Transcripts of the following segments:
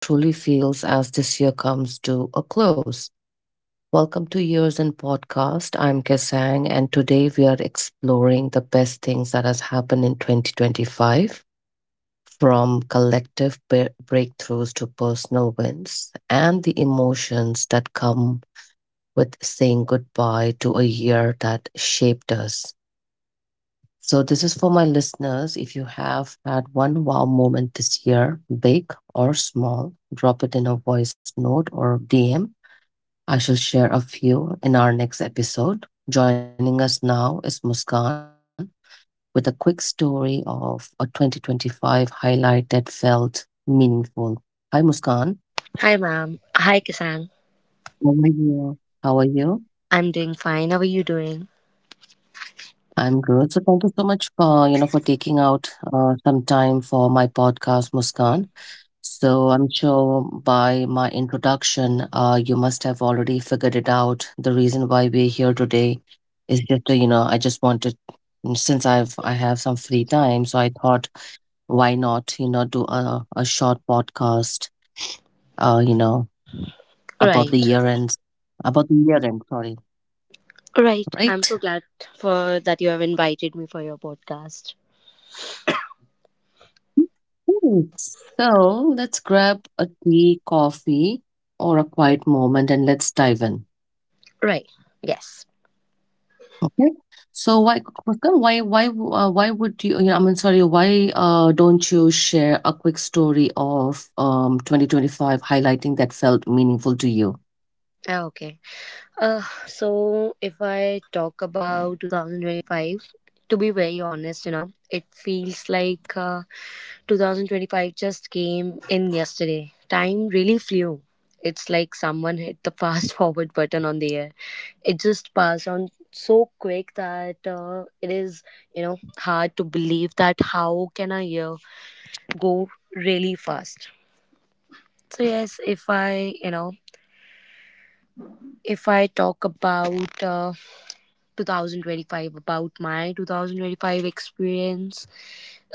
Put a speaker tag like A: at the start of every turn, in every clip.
A: and how it truly feels as this year comes to a close. Welcome to Years in Podcast. I'm Kesang, and today we are exploring the best things that has happened in 2025, from breakthroughs to personal wins, and the emotions that come with saying goodbye to a year that shaped us. So, this is for my listeners. If you have had one wow moment this year, big or small, drop it in a voice note or DM. I shall share a few in our next episode. Joining us now is Muskan with a quick story of a 2025 highlight that felt meaningful. Hi, Muskan.
B: Hi, ma'am. Hi, Kisan.
A: How are you? How are you?
B: I'm doing fine. How are you doing?
A: I'm good. So thank you so much for for taking out some time for my podcast, Muskan. So I'm sure by my introduction, you must have already figured it out. The reason why we're here today is just, I just wanted, since I have some free time, so I thought, why not, you know, do a short podcast, uh, you know, about the
B: Right.
A: year ends, about the year end, sorry,
B: Right. I'm
A: right?
B: so glad for that you have invited me for your podcast.
A: Cool. So let's grab a tea, coffee, or a quiet moment and let's dive in.
B: Right. Yes.
A: Okay. So why, Muskan, why would you, sorry, why don't you share a quick story of 2025 highlighting that felt meaningful to you?
B: Ah, Okay. So if I talk about 2025, to be very honest, you know, it feels like 2025 just came in yesterday. Time really flew. It's like someone hit the fast forward button on the air. It just passed on so quick that it is, you know, hard to believe that how can a year go really fast. So yes, if I talk about 2025 about my 2025 experience,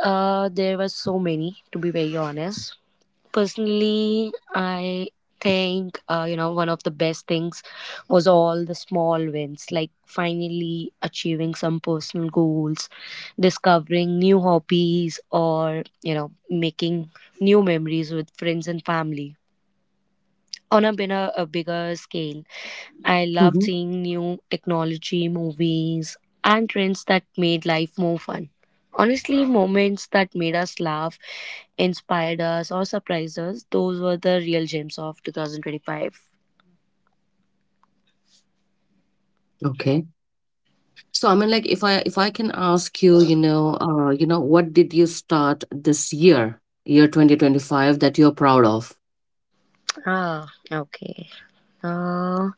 B: there were so many to be very honest. Personally, I think you know, one of the best things was all the small wins, like finally achieving some personal goals, discovering new hobbies, or you know, making new memories with friends and family on been a bigger scale. I loved
A: Hmm.
B: seeing new technology, movies, and trends that made life more fun. Honestly, moments that made us laugh, inspired us, or surprised us, those were the real gems of 2025.
A: Okay. So I mean, like, if I can ask you, what did you start this year, year 2025, that you're proud of?
B: Ah, okay. Uh,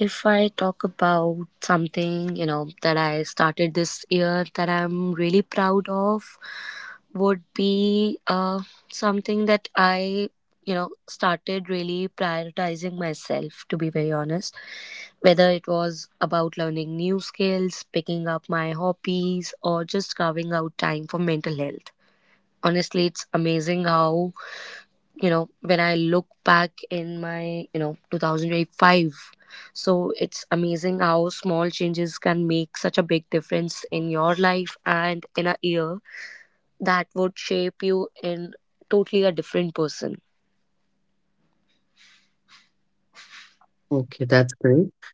B: If I talk about something, you know, that I started this year that I'm really proud of, would be something you know, started really prioritizing myself, to be very honest. Whether it was about learning new skills, picking up my hobbies, or just carving out time for mental health. Honestly, it's amazing how, you know, when I look back in my, you know, 2005, so it's amazing how small changes can make such a big difference in your life and in a year that would shape you in totally a different person.
A: Okay, that's great.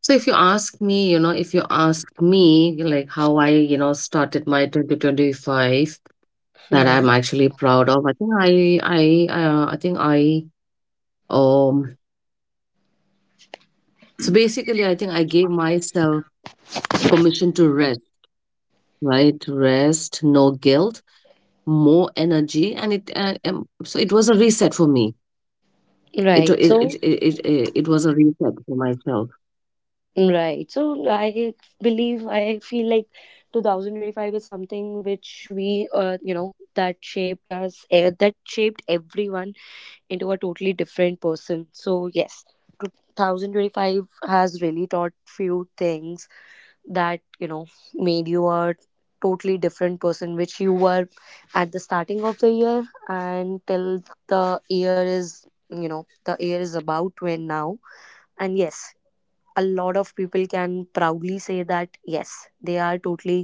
A: So if you ask me, you know, if you ask me, like, how I, you know, started my 2025, that
B: Hmm.
A: I'm actually proud of. I think I, um so basically I think I gave myself permission to rest, right? Rest, no guilt, more energy, and it so it was a reset for me. It
B: right
A: it it
B: so
A: it it, it was a reset for myself.
B: right. So I believe, I feel like 2025 is something which we, you know, that shaped us, that shaped everyone into a totally different person. So yes, 2025 has really taught few things that you know made you a totally different person which you were at the starting of the year, and till the year is, you know, the year is about to end now. And yes, a lot of people can proudly say that yes, they are totally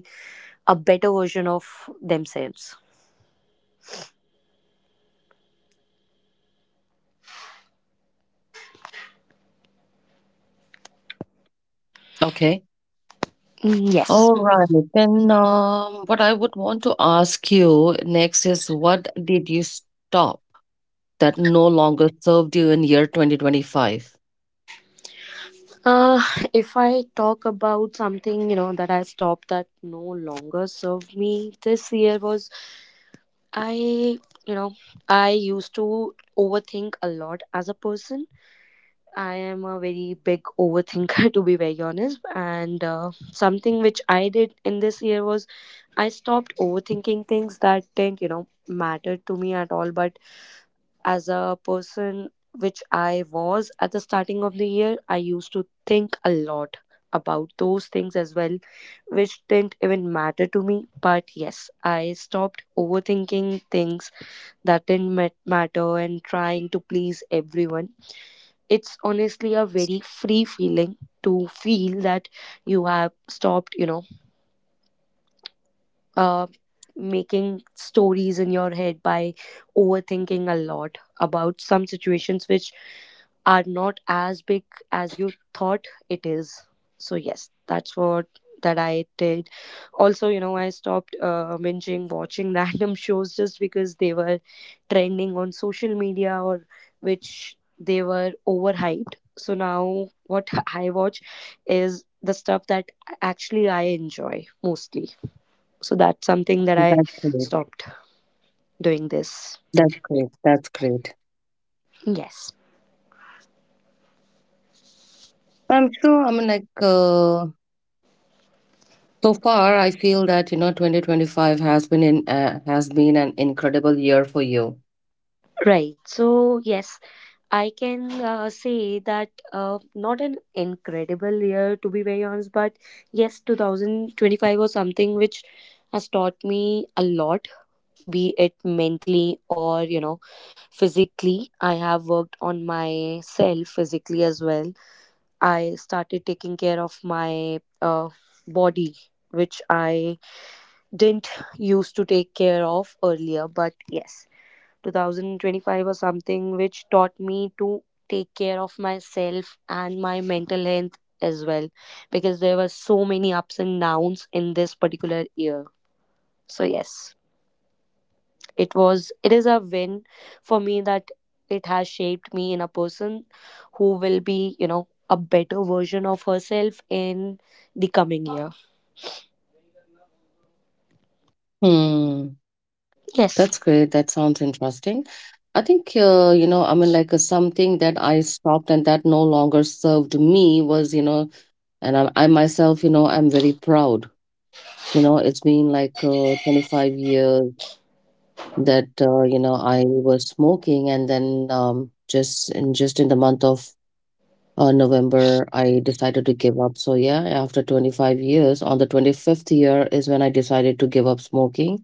B: a better version of themselves.
A: Okay.
B: Mm, yes.
A: All right, then what I would want to ask you next is what did you stop that no longer served you in year 2025?
B: Uh, if I talk about something, you know, that I stopped that no longer served me this year was, I, you know, I used to overthink a lot as a person. I am a very big overthinker, to be very honest. And something which I did in this year was I stopped overthinking things that didn't, you know, matter to me at all, but as a person which I was at the starting of the year, I used to think a lot about those things as well, which didn't even matter to me. But yes, I stopped overthinking things that didn't matter and trying to please everyone. It's honestly a very free feeling to feel that you have stopped, you know, uh, making stories in your head by overthinking a lot about some situations which are not as big as you thought it is. So yes, that's what that I did. Also, you know, I stopped binging watching random shows just because they were trending on social media or which they were overhyped. So now what I watch is the stuff that actually I enjoy mostly. So that's something that I
A: That's great.
B: stopped doing this.
A: That's great. That's great.
B: Yes.
A: I'm sure. I mean, so far, I feel that, you know, 2025 has been an incredible year for you.
B: Right. So, yes, I can say that not an incredible year to be very honest, but yes, 2025 was something which has taught me a lot, be it mentally or, you know, physically. I have worked on myself physically as well. I started taking care of my body, which I didn't used to take care of earlier. But yes, 2025 was something which taught me to take care of myself and my mental health as well, because there were so many ups and downs in this particular year. So yes, it was, it is a win for me that it has shaped me in a person who will be, you know, a better version of herself in the coming year.
A: Hmm.
B: Yes.
A: That's great. That sounds interesting. I think, something that I stopped and that no longer served me was, you know, and I myself, you know, I'm very proud. You know, it's been like 25 years that, I was smoking, and then, just in the month of November, I decided to give up. So, yeah, after 25 years, on the 25th year is when I decided to give up smoking.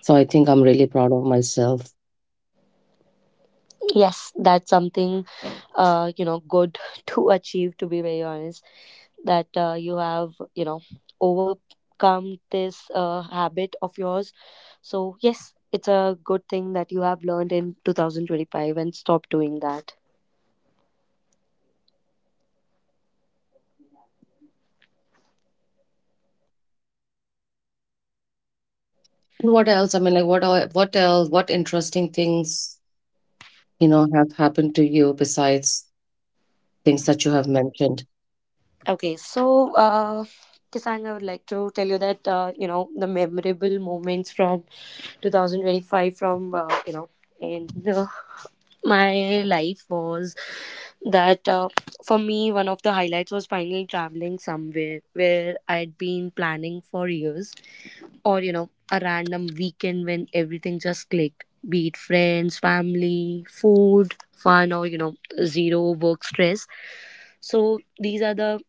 A: So, I think I'm really proud of myself.
B: Yes, that's something you know, good to achieve. To be very honest, that you have, you know, overcome this habit of yours. So yes, it's a good thing that you have learned in 2025 and stop doing that.
A: And what else? I mean, like, what else? What interesting things, you know, have happened to you besides things that you have mentioned?
B: Okay, so Kisang, I would like to tell you that you know, the memorable moments from 2025 from, you know, in, uh, my life was that, for me one of the highlights was finally traveling somewhere where I'd been planning for years, or you know, a random weekend when everything just clicked, be it friends, family, food, fun, or you know, zero work stress. So these are the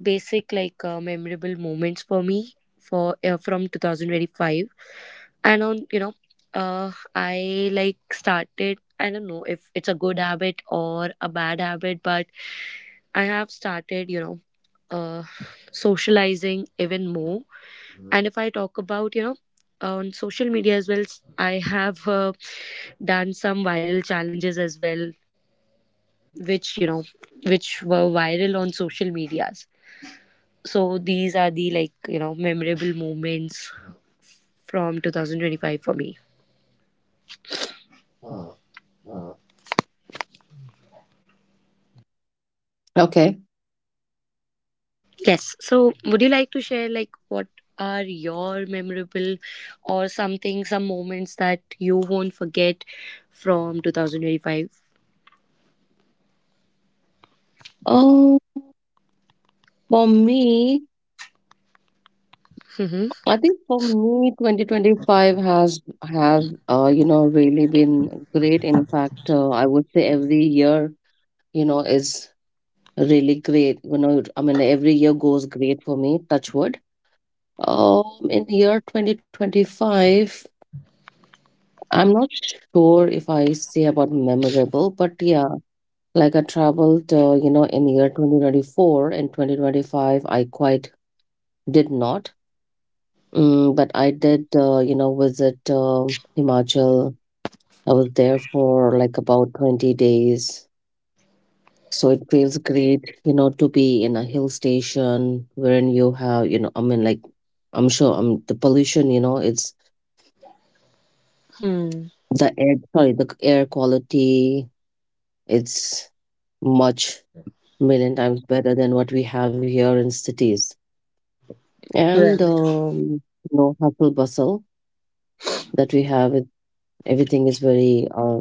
B: basic like memorable moments for me for, from 2025. And on, you know, I like started, I don't know if it's a good habit or a bad habit, but I have started, you know, uh socializing even more. And if I talk about, you know, on social media as well, I have done some viral challenges as well, which you know, which were viral on social medias. So these are the like you know memorable moments from 2025 for me.
A: Okay.
B: Yes. So, would you like to share like what are your memorable or something, some moments that you won't forget from 2025?
A: Oh, for me,
B: Mm-hmm.
A: I think for me, 2025 has have uh, you know, really been great. In fact, I would say every year, you know, is really great. You know, I mean, every year goes great for me, touch wood. Um, in year 2025, I'm not sure if I say about memorable, but yeah, like I traveled, in year 2024 and 2025, I quite did not. But I did, visit Himachal. I was there for like about 20 days. So it feels great, you know, to be in a hill station wherein you have, you know, I mean, like, I'm sure, the pollution, you know, it's
B: Hmm.
A: the air, sorry, the air quality, it's much, million times better than what we have here in cities. And,
B: Right.
A: you know, hustle bustle that we have, it, everything is very, uh,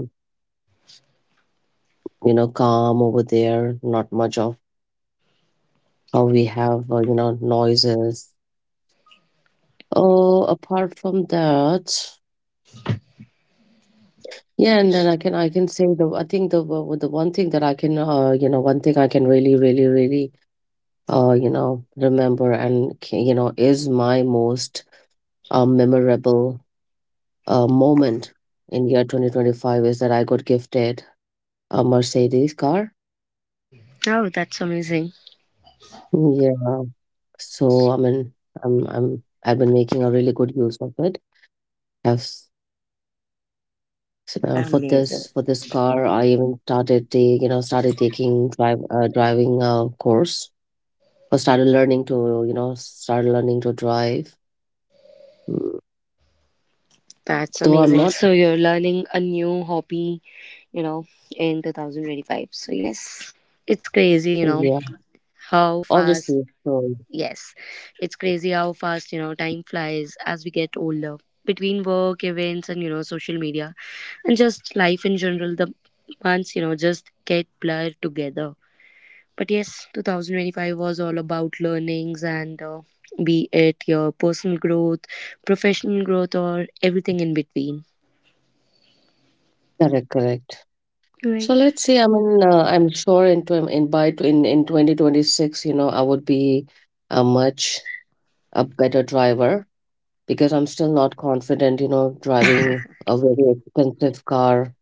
A: you know, calm over there, not much of how we have, noises. Oh, apart from that, yeah, and then I can say the I think the one thing that I can, one thing I can really really really, remember and is my most memorable moment in year 2025 is that I got gifted a Mercedes car.
B: Oh, that's amazing.
A: Yeah. So I mean, I've been making a really good use of it. I've s- for
B: Amazing.
A: this car, I even started started taking drive driving course, or started learning to, you know, start learning to drive. Mm,
B: That's
A: Though I'm
B: amazing.
A: not,
B: So you're learning a new hobby, you know, in 2025. So yes, it's crazy, you know,
A: yeah,
B: how fast.
A: obviously. So
B: Yes, it's crazy how fast, you know, time flies as we get older. Between work, events, and, you know, social media, and just life in general, the months, you know, just get blurred together. But yes, 2025 was all about learnings and be it your personal growth, professional growth, or everything in between.
A: correct, correct.
B: Right.
A: So let's see. I mean, I'm sure in tw- in by tw- in 2026, you know, I would be a much a better driver because I'm still not confident, you know, driving a very expensive car,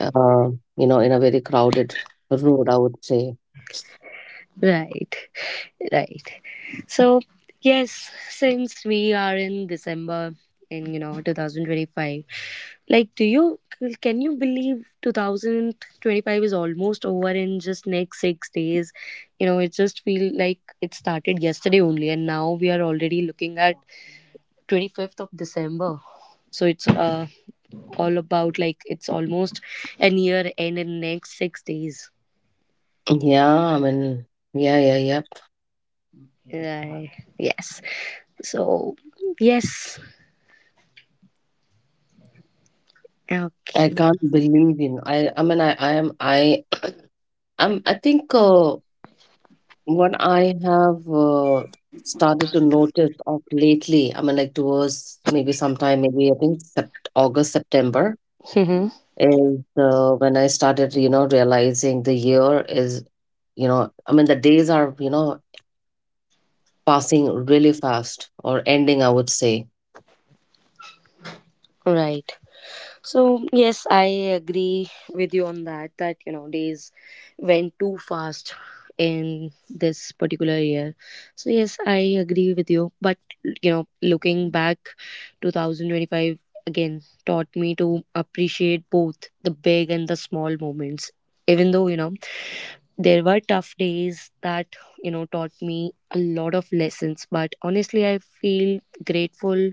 A: uh, in a very crowded road, I would say,
B: Right, right. So, yes, since we are in December in you know 2025, like do you, can you believe 2025 is almost over in just next 6 days? You know, it just feel like it started yesterday only and now we are already looking at 25th of December. So it's all about like it's almost a year and in next 6 days.
A: yeah. I mean, yeah, yeah, yep.
B: Uh, yes. So, yes.
A: I
B: Okay.
A: can't believe in I mean I am I think, what I have, started to notice of lately, I mean, like towards maybe sometime, maybe I think sept August, September is when I started, you know, realizing the year is, you know, I mean, the days are, you know, passing really fast or ending, I would say.
B: Right. So, yes, I agree with you on that, that, you know, days went too fast in this particular year. So, yes, I agree with you. But, you know, looking back, 2025 again taught me to appreciate both the big and the small moments. Even though, you know, there were tough days that you know taught me a lot of lessons, but honestly I feel grateful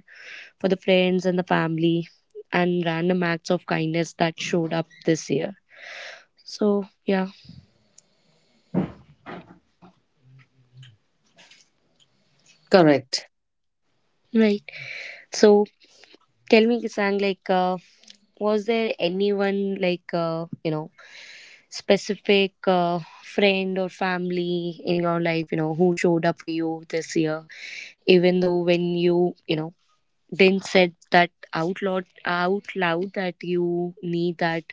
B: for the friends and the family and random acts of kindness that showed up this year. So yeah,
A: Correct.
B: right. So tell me, Kisang, like was there anyone like, you know, specific friend or family in your life you know who showed up for you this year, even though when you know, then said that out loud, out loud, that you need that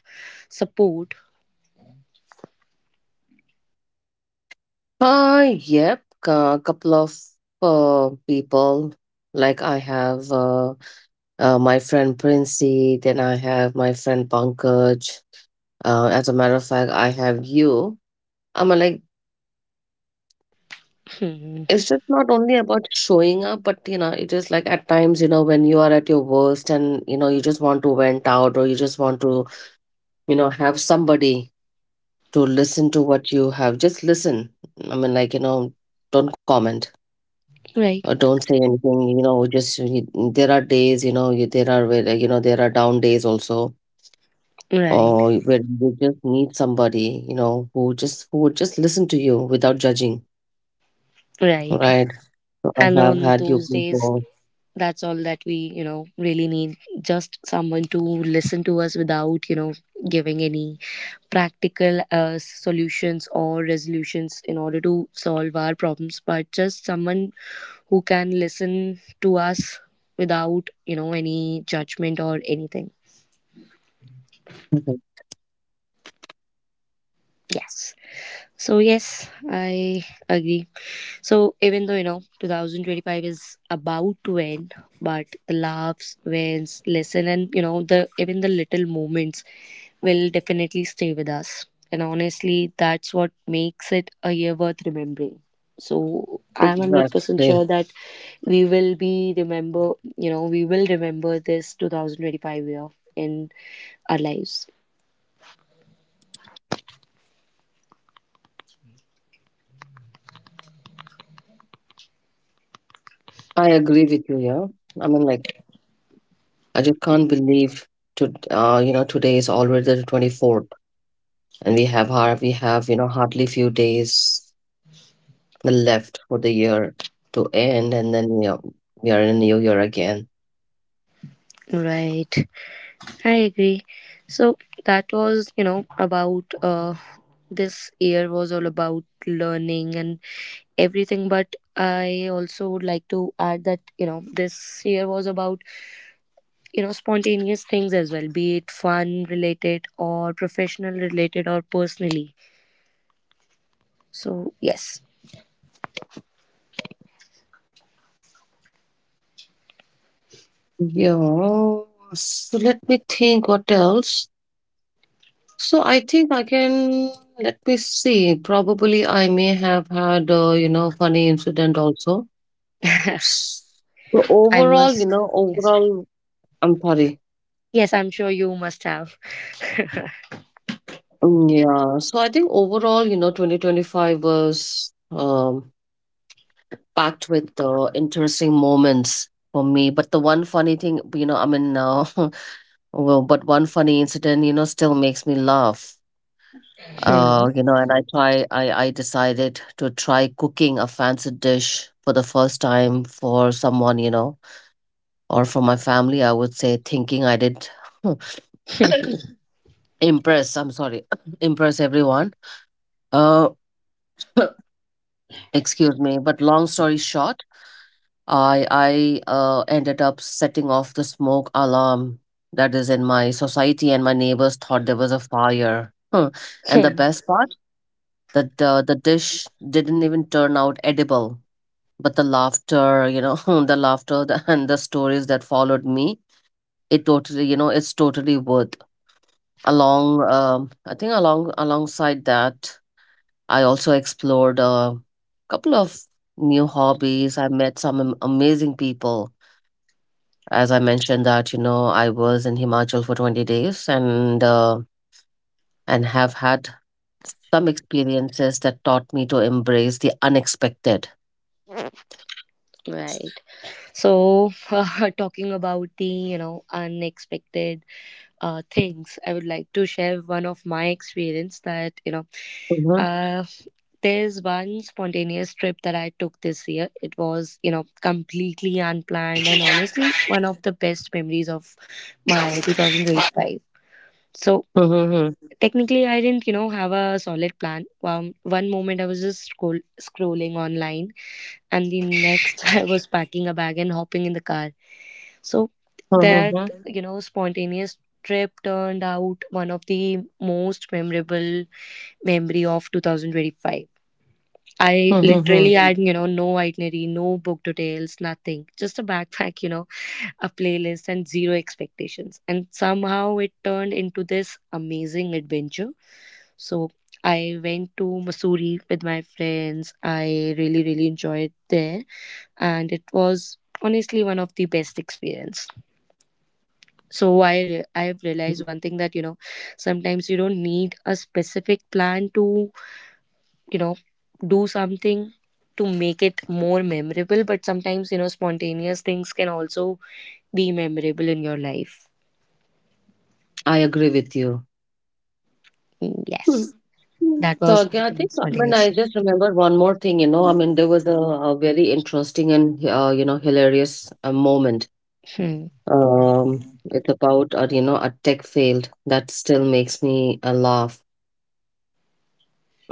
B: support.
A: Yep. A couple of people like I have. My friend Princey, then I have my friend Pankaj. As a matter of fact, I have you. I'm like,
B: Hmm.
A: it's just not only about showing up, but you know, it is like at times, you know, when you are at your worst and, you know, you just want to vent out or you just want to, you know, have somebody to listen to what you have. Just listen. I mean, like, you know, don't comment or
B: Right.
A: don't say anything, you know, there are days, you know, there are, where, you know, there are down days also
B: Right.
A: or where you just need somebody, you know, who would just listen to you without judging,
B: Right.
A: right? So
B: And
A: I have
B: on
A: had you
B: those days,
A: before. Mhm.
B: that's all that we you know really need, just someone to listen to us without you know giving any practical solutions or resolutions in order to solve our problems, but just someone who can listen to us without you know any judgment or anything. Yes. So yes, I agree. So even though you know 2025 is about to end, but the laughs, wins, lesson, and you know, the even the little moments will definitely stay with us. And honestly, that's what makes it a year worth remembering. So I'm 100% sure that
A: Exactly.
B: we will be remember. You know, we will remember this 2025 year in our lives.
A: I agree with you, yeah. I mean, like, I just can't believe to, you know, today is already the 24th and we have, you know, hardly few days left for the year to end, and then, you know, we are in a new year again.
B: Right. I agree. So that was, you know, about this year was all about learning and everything. But I also would like to add that, you know, this year was about, you know, spontaneous things as well, be it fun related or professional related or personally. So, yes,
A: Yeah. So let me think what else. So I think I can, let me see. Probably I may have had, funny incident also. So
B: I
A: overall,
B: must.
A: you know,
B: Yes.
A: overall, I'm sorry.
B: Yes, I'm sure you must have.
A: Yeah. So I think overall, you know, 2025 was, packed with interesting moments for me. But the one funny thing, you know, I mean, well, but one funny incident, you know, still makes me laugh.
B: Hmm.
A: You know, and I try I decided to try cooking a fancy dish for the first time for someone, you know, or for my family, I would say, thinking I did impress, I'm sorry, impress everyone. Uh, excuse me, but long story short, I ended up setting off the smoke alarm that is in my society, and my neighbors thought there was a fire. Huh. And the
B: Hmm.
A: best part, that the dish didn't even turn out edible. But the laughter, you know, the and the stories that followed me, it totally, you know, it's totally worth, alongside that, I also explored a couple of new hobbies. I met some amazing people. As I mentioned, that you know I was in Himachal for 20 days, and have had some experiences that taught me to embrace the unexpected.
B: Right. So, talking about the, you know, unexpected things, I would like to share one of my experience that you know,
A: Mhm,
B: uh, there's one spontaneous trip that I took this year, it was you know completely unplanned, and honestly one of the best memories of my 2025. So
A: mhm, mhm,
B: technically I didn't you know have a solid plan. One moment I was just scrolling online, and the next I was packing a bag and hopping in the car. So
A: mhm, mhm,
B: that you know spontaneous trip turned out one of the most memorable memory of 2025.
A: mhm,
B: I
A: mhm.
B: literally had no itinerary, no book details, nothing, just a backpack, a playlist and zero expectations. And somehow it turned into this amazing adventure. So I went to Missouri with my friends. I really really enjoyed there and it was honestly one of the best experience. So I've realized one thing that sometimes you don't need a specific plan to you know do something to make it more memorable, but sometimes spontaneous things can also be memorable in your life.
A: I agree with you.
B: Mm,
A: Hmm.
B: yes.
A: Hmm.
B: That
A: So
B: was
A: again, I think, I
B: something
A: mean, I
B: spontaneous.
A: just remembered one more thing. You know, I mean, there was a very interesting and, hilarious moment.
B: Hmm.
A: Um, it's about, a tech failed that still makes me, laugh.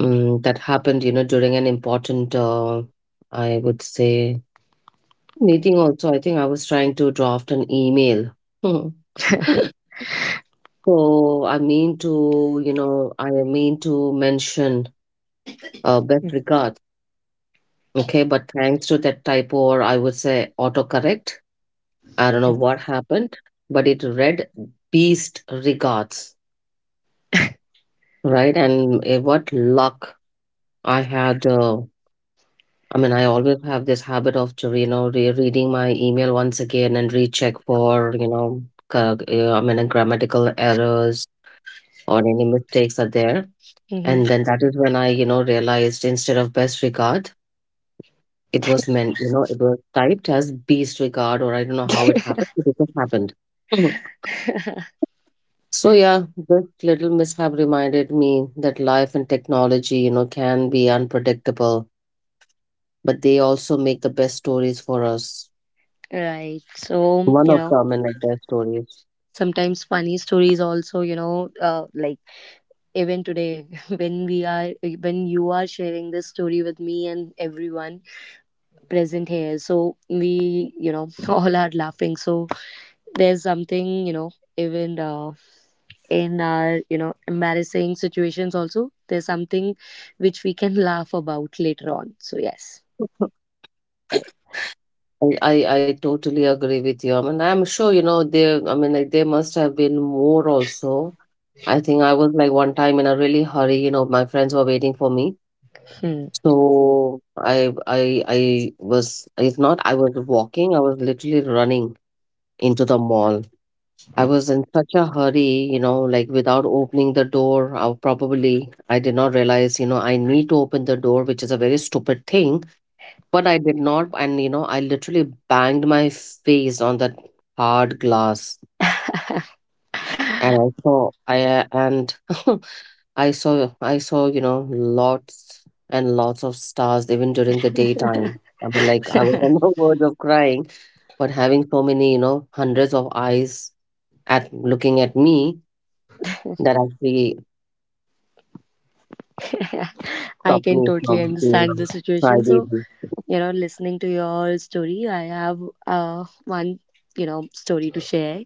A: That happened, you know, during an important, I would say, meeting. Also, I think I was trying to draft an email. Hmm. So I mean to, you know, I mean to mention, best regards. Okay, but thanks to that typo, or I would say autocorrect, I don't know what happened, but it read Beast Regards, right? And what luck I had. I mean, I always have this habit of, you know, re-reading my email once again and recheck for, you know, grammatical errors or any mistakes are there.
B: Hmm.
A: And then that is when I, you know, realized instead of best regard. It was meant, you know, it was typed as beast regard, or I don't know how it happened, but it just happened. Mhm. So yeah, this little mishap reminded me that life and technology, you know, can be unpredictable, but they also make the best stories for us.
B: Right. So,
A: One of them, and like best stories.
B: sometimes funny stories also, like even today when we are when you are sharing this story with me and everyone present here. So we, all are laughing. So there's something, even in our, embarrassing situations also, there's something which we can laugh about later on. So yes. Right.
A: I totally agree with you. I mean, I'm sure, you know, there, I mean, like, there must have been more also. I think I was like one time in a really hurry, you know, my friends were waiting for me.
B: Hmm.
A: So I was it's not I was I was literally running into the mall. I was in such a hurry, you know, like without opening the door, I did not realize, you know, I need to open the door, which is a very stupid thing, but I did not and you know, I literally banged my face on that hard glass and I saw I and I saw, you know, lots and lots of stars even during the daytime. I mean, like I was on the verge of crying, but having so many, you know, hundreds of eyes at looking at me that actually
B: I
A: stopped
B: can
A: me
B: totally
A: from being
B: understand the
A: a
B: situation. So,
A: crybaby.
B: listening to your story, I have one, story to share.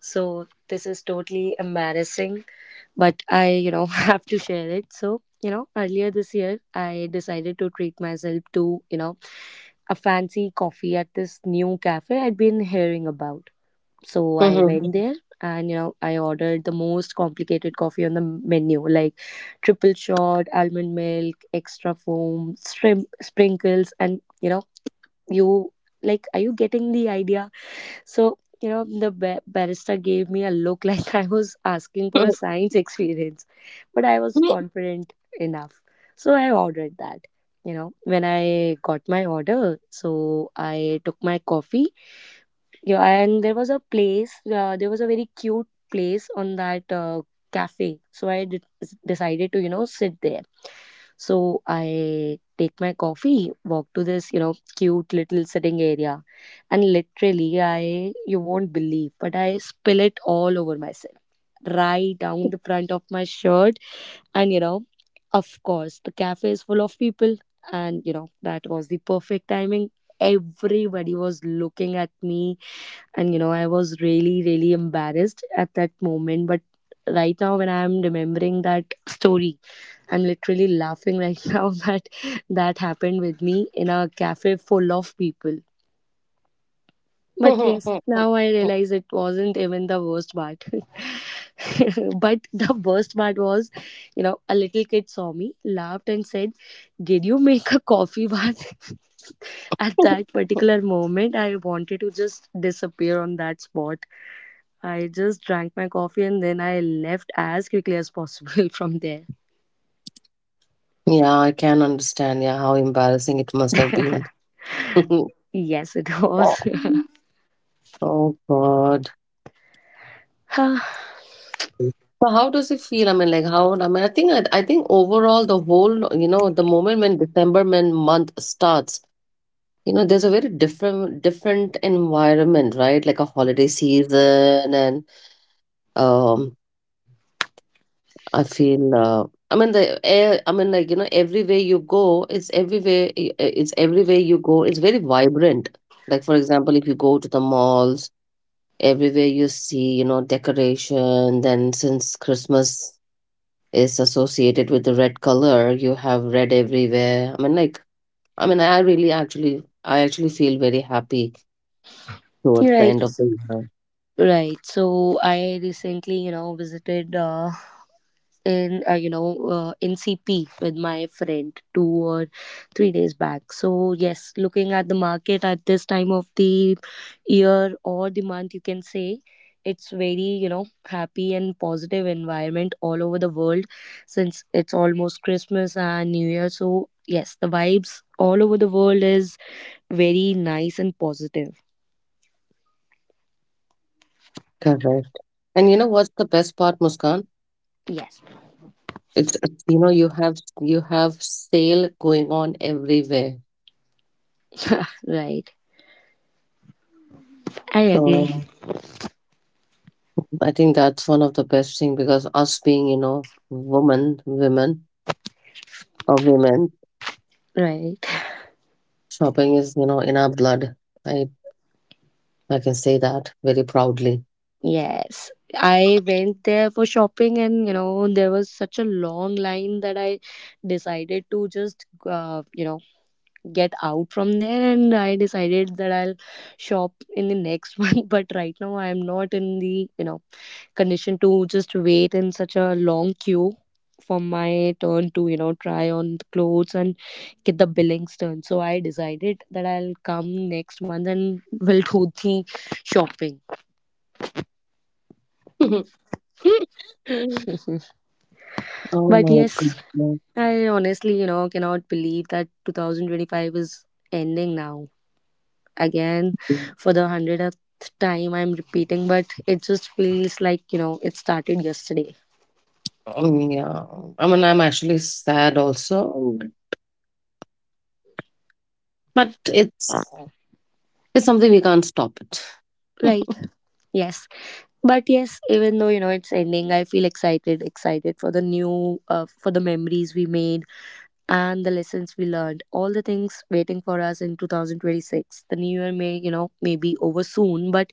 B: So this is totally embarrassing, but I, have to share it. So, earlier this year, I decided to treat myself to, a fancy coffee at this new cafe I'd been hearing about. So I
A: Mhm.
B: went there and, I ordered the most complicated coffee on the menu, like triple shot, almond milk, extra foam, shrimp sprinkles, and, you know, you like, are you getting the idea? So, the barrister gave me a look like I was asking for a science experience, but I was confident enough. So I ordered that. You know, when I got my order, so I took my coffee. Yeah, and there was a place, there was a very cute place on that cafe. So decided to, sit there. So I take my coffee, walk to this, cute little sitting area, and literally I you won't believe, but I spill it all over myself, right down the front of my shirt. And of course the cafe is full of people, and that was the perfect timing. Everybody was looking at me, and I was really really embarrassed at that moment. But right now, when I'm remembering that story, I'm literally laughing right now that that happened with me in a cafe full of people. But yes, now I realize it wasn't even the worst part. But the worst part was, a little kid saw me, laughed, and said, "Did you make a coffee bath?" At that particular moment, I wanted to just disappear on that spot. I just drank my coffee and then I left as quickly as possible from there.
A: Yeah, I can understand. Yeah, how embarrassing it must have been.
B: Yes, it was.
A: Oh God. So how does it feel? I mean, like how? I mean, I think overall the whole you know the moment when December when month starts, you know, there's a very different environment, right? Like a holiday season, and um, I feel. I mean the air. I mean, like you know, everywhere you go, it's everywhere. It's everywhere you go. It's very vibrant. Like for example, if you go to the malls, everywhere you see, you know, decoration. Then since Christmas is associated with the red color you have red everywhere I mean I actually feel very happy towards the
B: Right.
A: end of the year.
B: Right. So I recently, visited in you know ncp with my friend 2 or 3 days back. So yes, looking at the market at this time of the year, or the month you can say, it's very happy and positive environment all over the world, since it's almost Christmas and new year. So yes, the vibes all over the world is very nice and positive.
A: Correct. And you know what's the best part, Muskan?
B: Yes.
A: It's you know you have sale going on everywhere.
B: Right. I
A: So
B: agree.
A: I think that's one of the best thing because us being you know woman women or women,
B: Right.
A: shopping is you know in our blood. I i can say that very proudly.
B: Yes, I went there for shopping, and there was such a long line that I decided to just, get out from there. And I decided that I'll shop in the next one. But right now, I'm not in the, condition to just wait in such a long queue for my turn to, try on the clothes and get the billings done. So I decided that I'll come next month and will do the shopping.
A: Oh
B: But
A: my
B: yes,
A: goodness.
B: I honestly, cannot believe that 2025 is ending now. Again, for the 100th time, I'm repeating, but it just feels like, it started yesterday.
A: Oh, yeah. I mean, I'm actually sad also, but it's something we can't stop it.
B: Right. Yes. But yes, even though, it's ending, I feel excited for the for the memories we made and the lessons we learned, all the things waiting for us in 2026. The new year may be over soon, but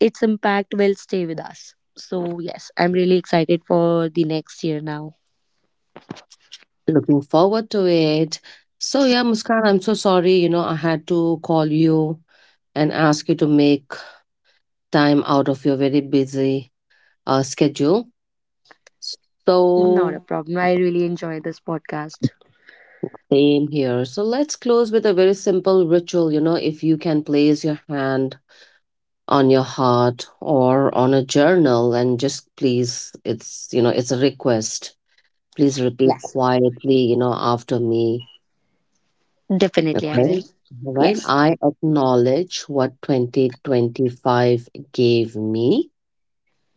B: its impact will stay with us. So yes, I'm really excited for the next year now.
A: Looking forward to it. So yeah, Muskan, I'm so sorry. You know, I had to call you and ask you to make time out of your very busy schedule.
B: Not a
A: So
B: problem. I really enjoy this podcast.
A: same here. So let's close with a very simple ritual. You know, if you can place your hand on your heart or on a journal, and just please, it's you know it's a request, please repeat
B: Yes,
A: quietly you know after me.
B: definitely I
A: Okay,
B: will.
A: all right.
B: Yes.
A: I acknowledge what 2025 gave me.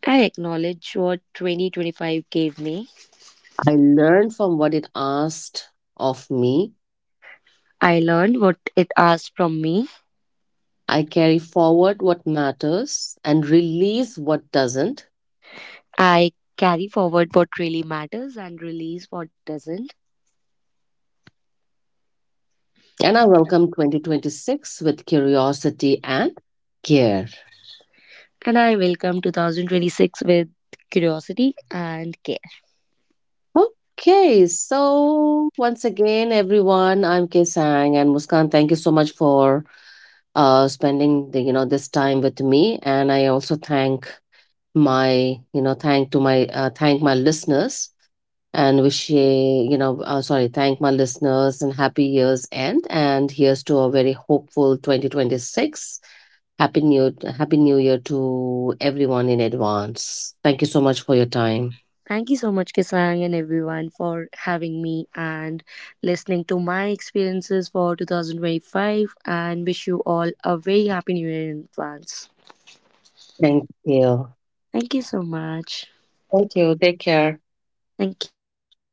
B: I acknowledge what 2025 gave me.
A: I learn from what it asked of me.
B: I learned what it asked from me.
A: I carry forward what matters and release what doesn't.
B: I carry forward what really matters and release what doesn't.
A: And I welcome 2026 with curiosity and care.
B: And I welcome 2026 with curiosity and care.
A: Okay, so once again, everyone, I'm Kesang and Muskan. Thank you so much for spending the, you know this time with me, and I also thank my you know thank to my thank my listeners and wish a- you know sorry thank my listeners and happy year's end, and here's to a very hopeful 2026. Happy new year to everyone in advance. Thank you so much for your time.
B: Thank you so much, Kisang, and everyone for having me and listening to my experiences for 2025. And wish you all a very happy new year in advance.
A: Thank you.
B: Thank you so much.
A: Thank you. Take care.
B: Thank you. Bye bye.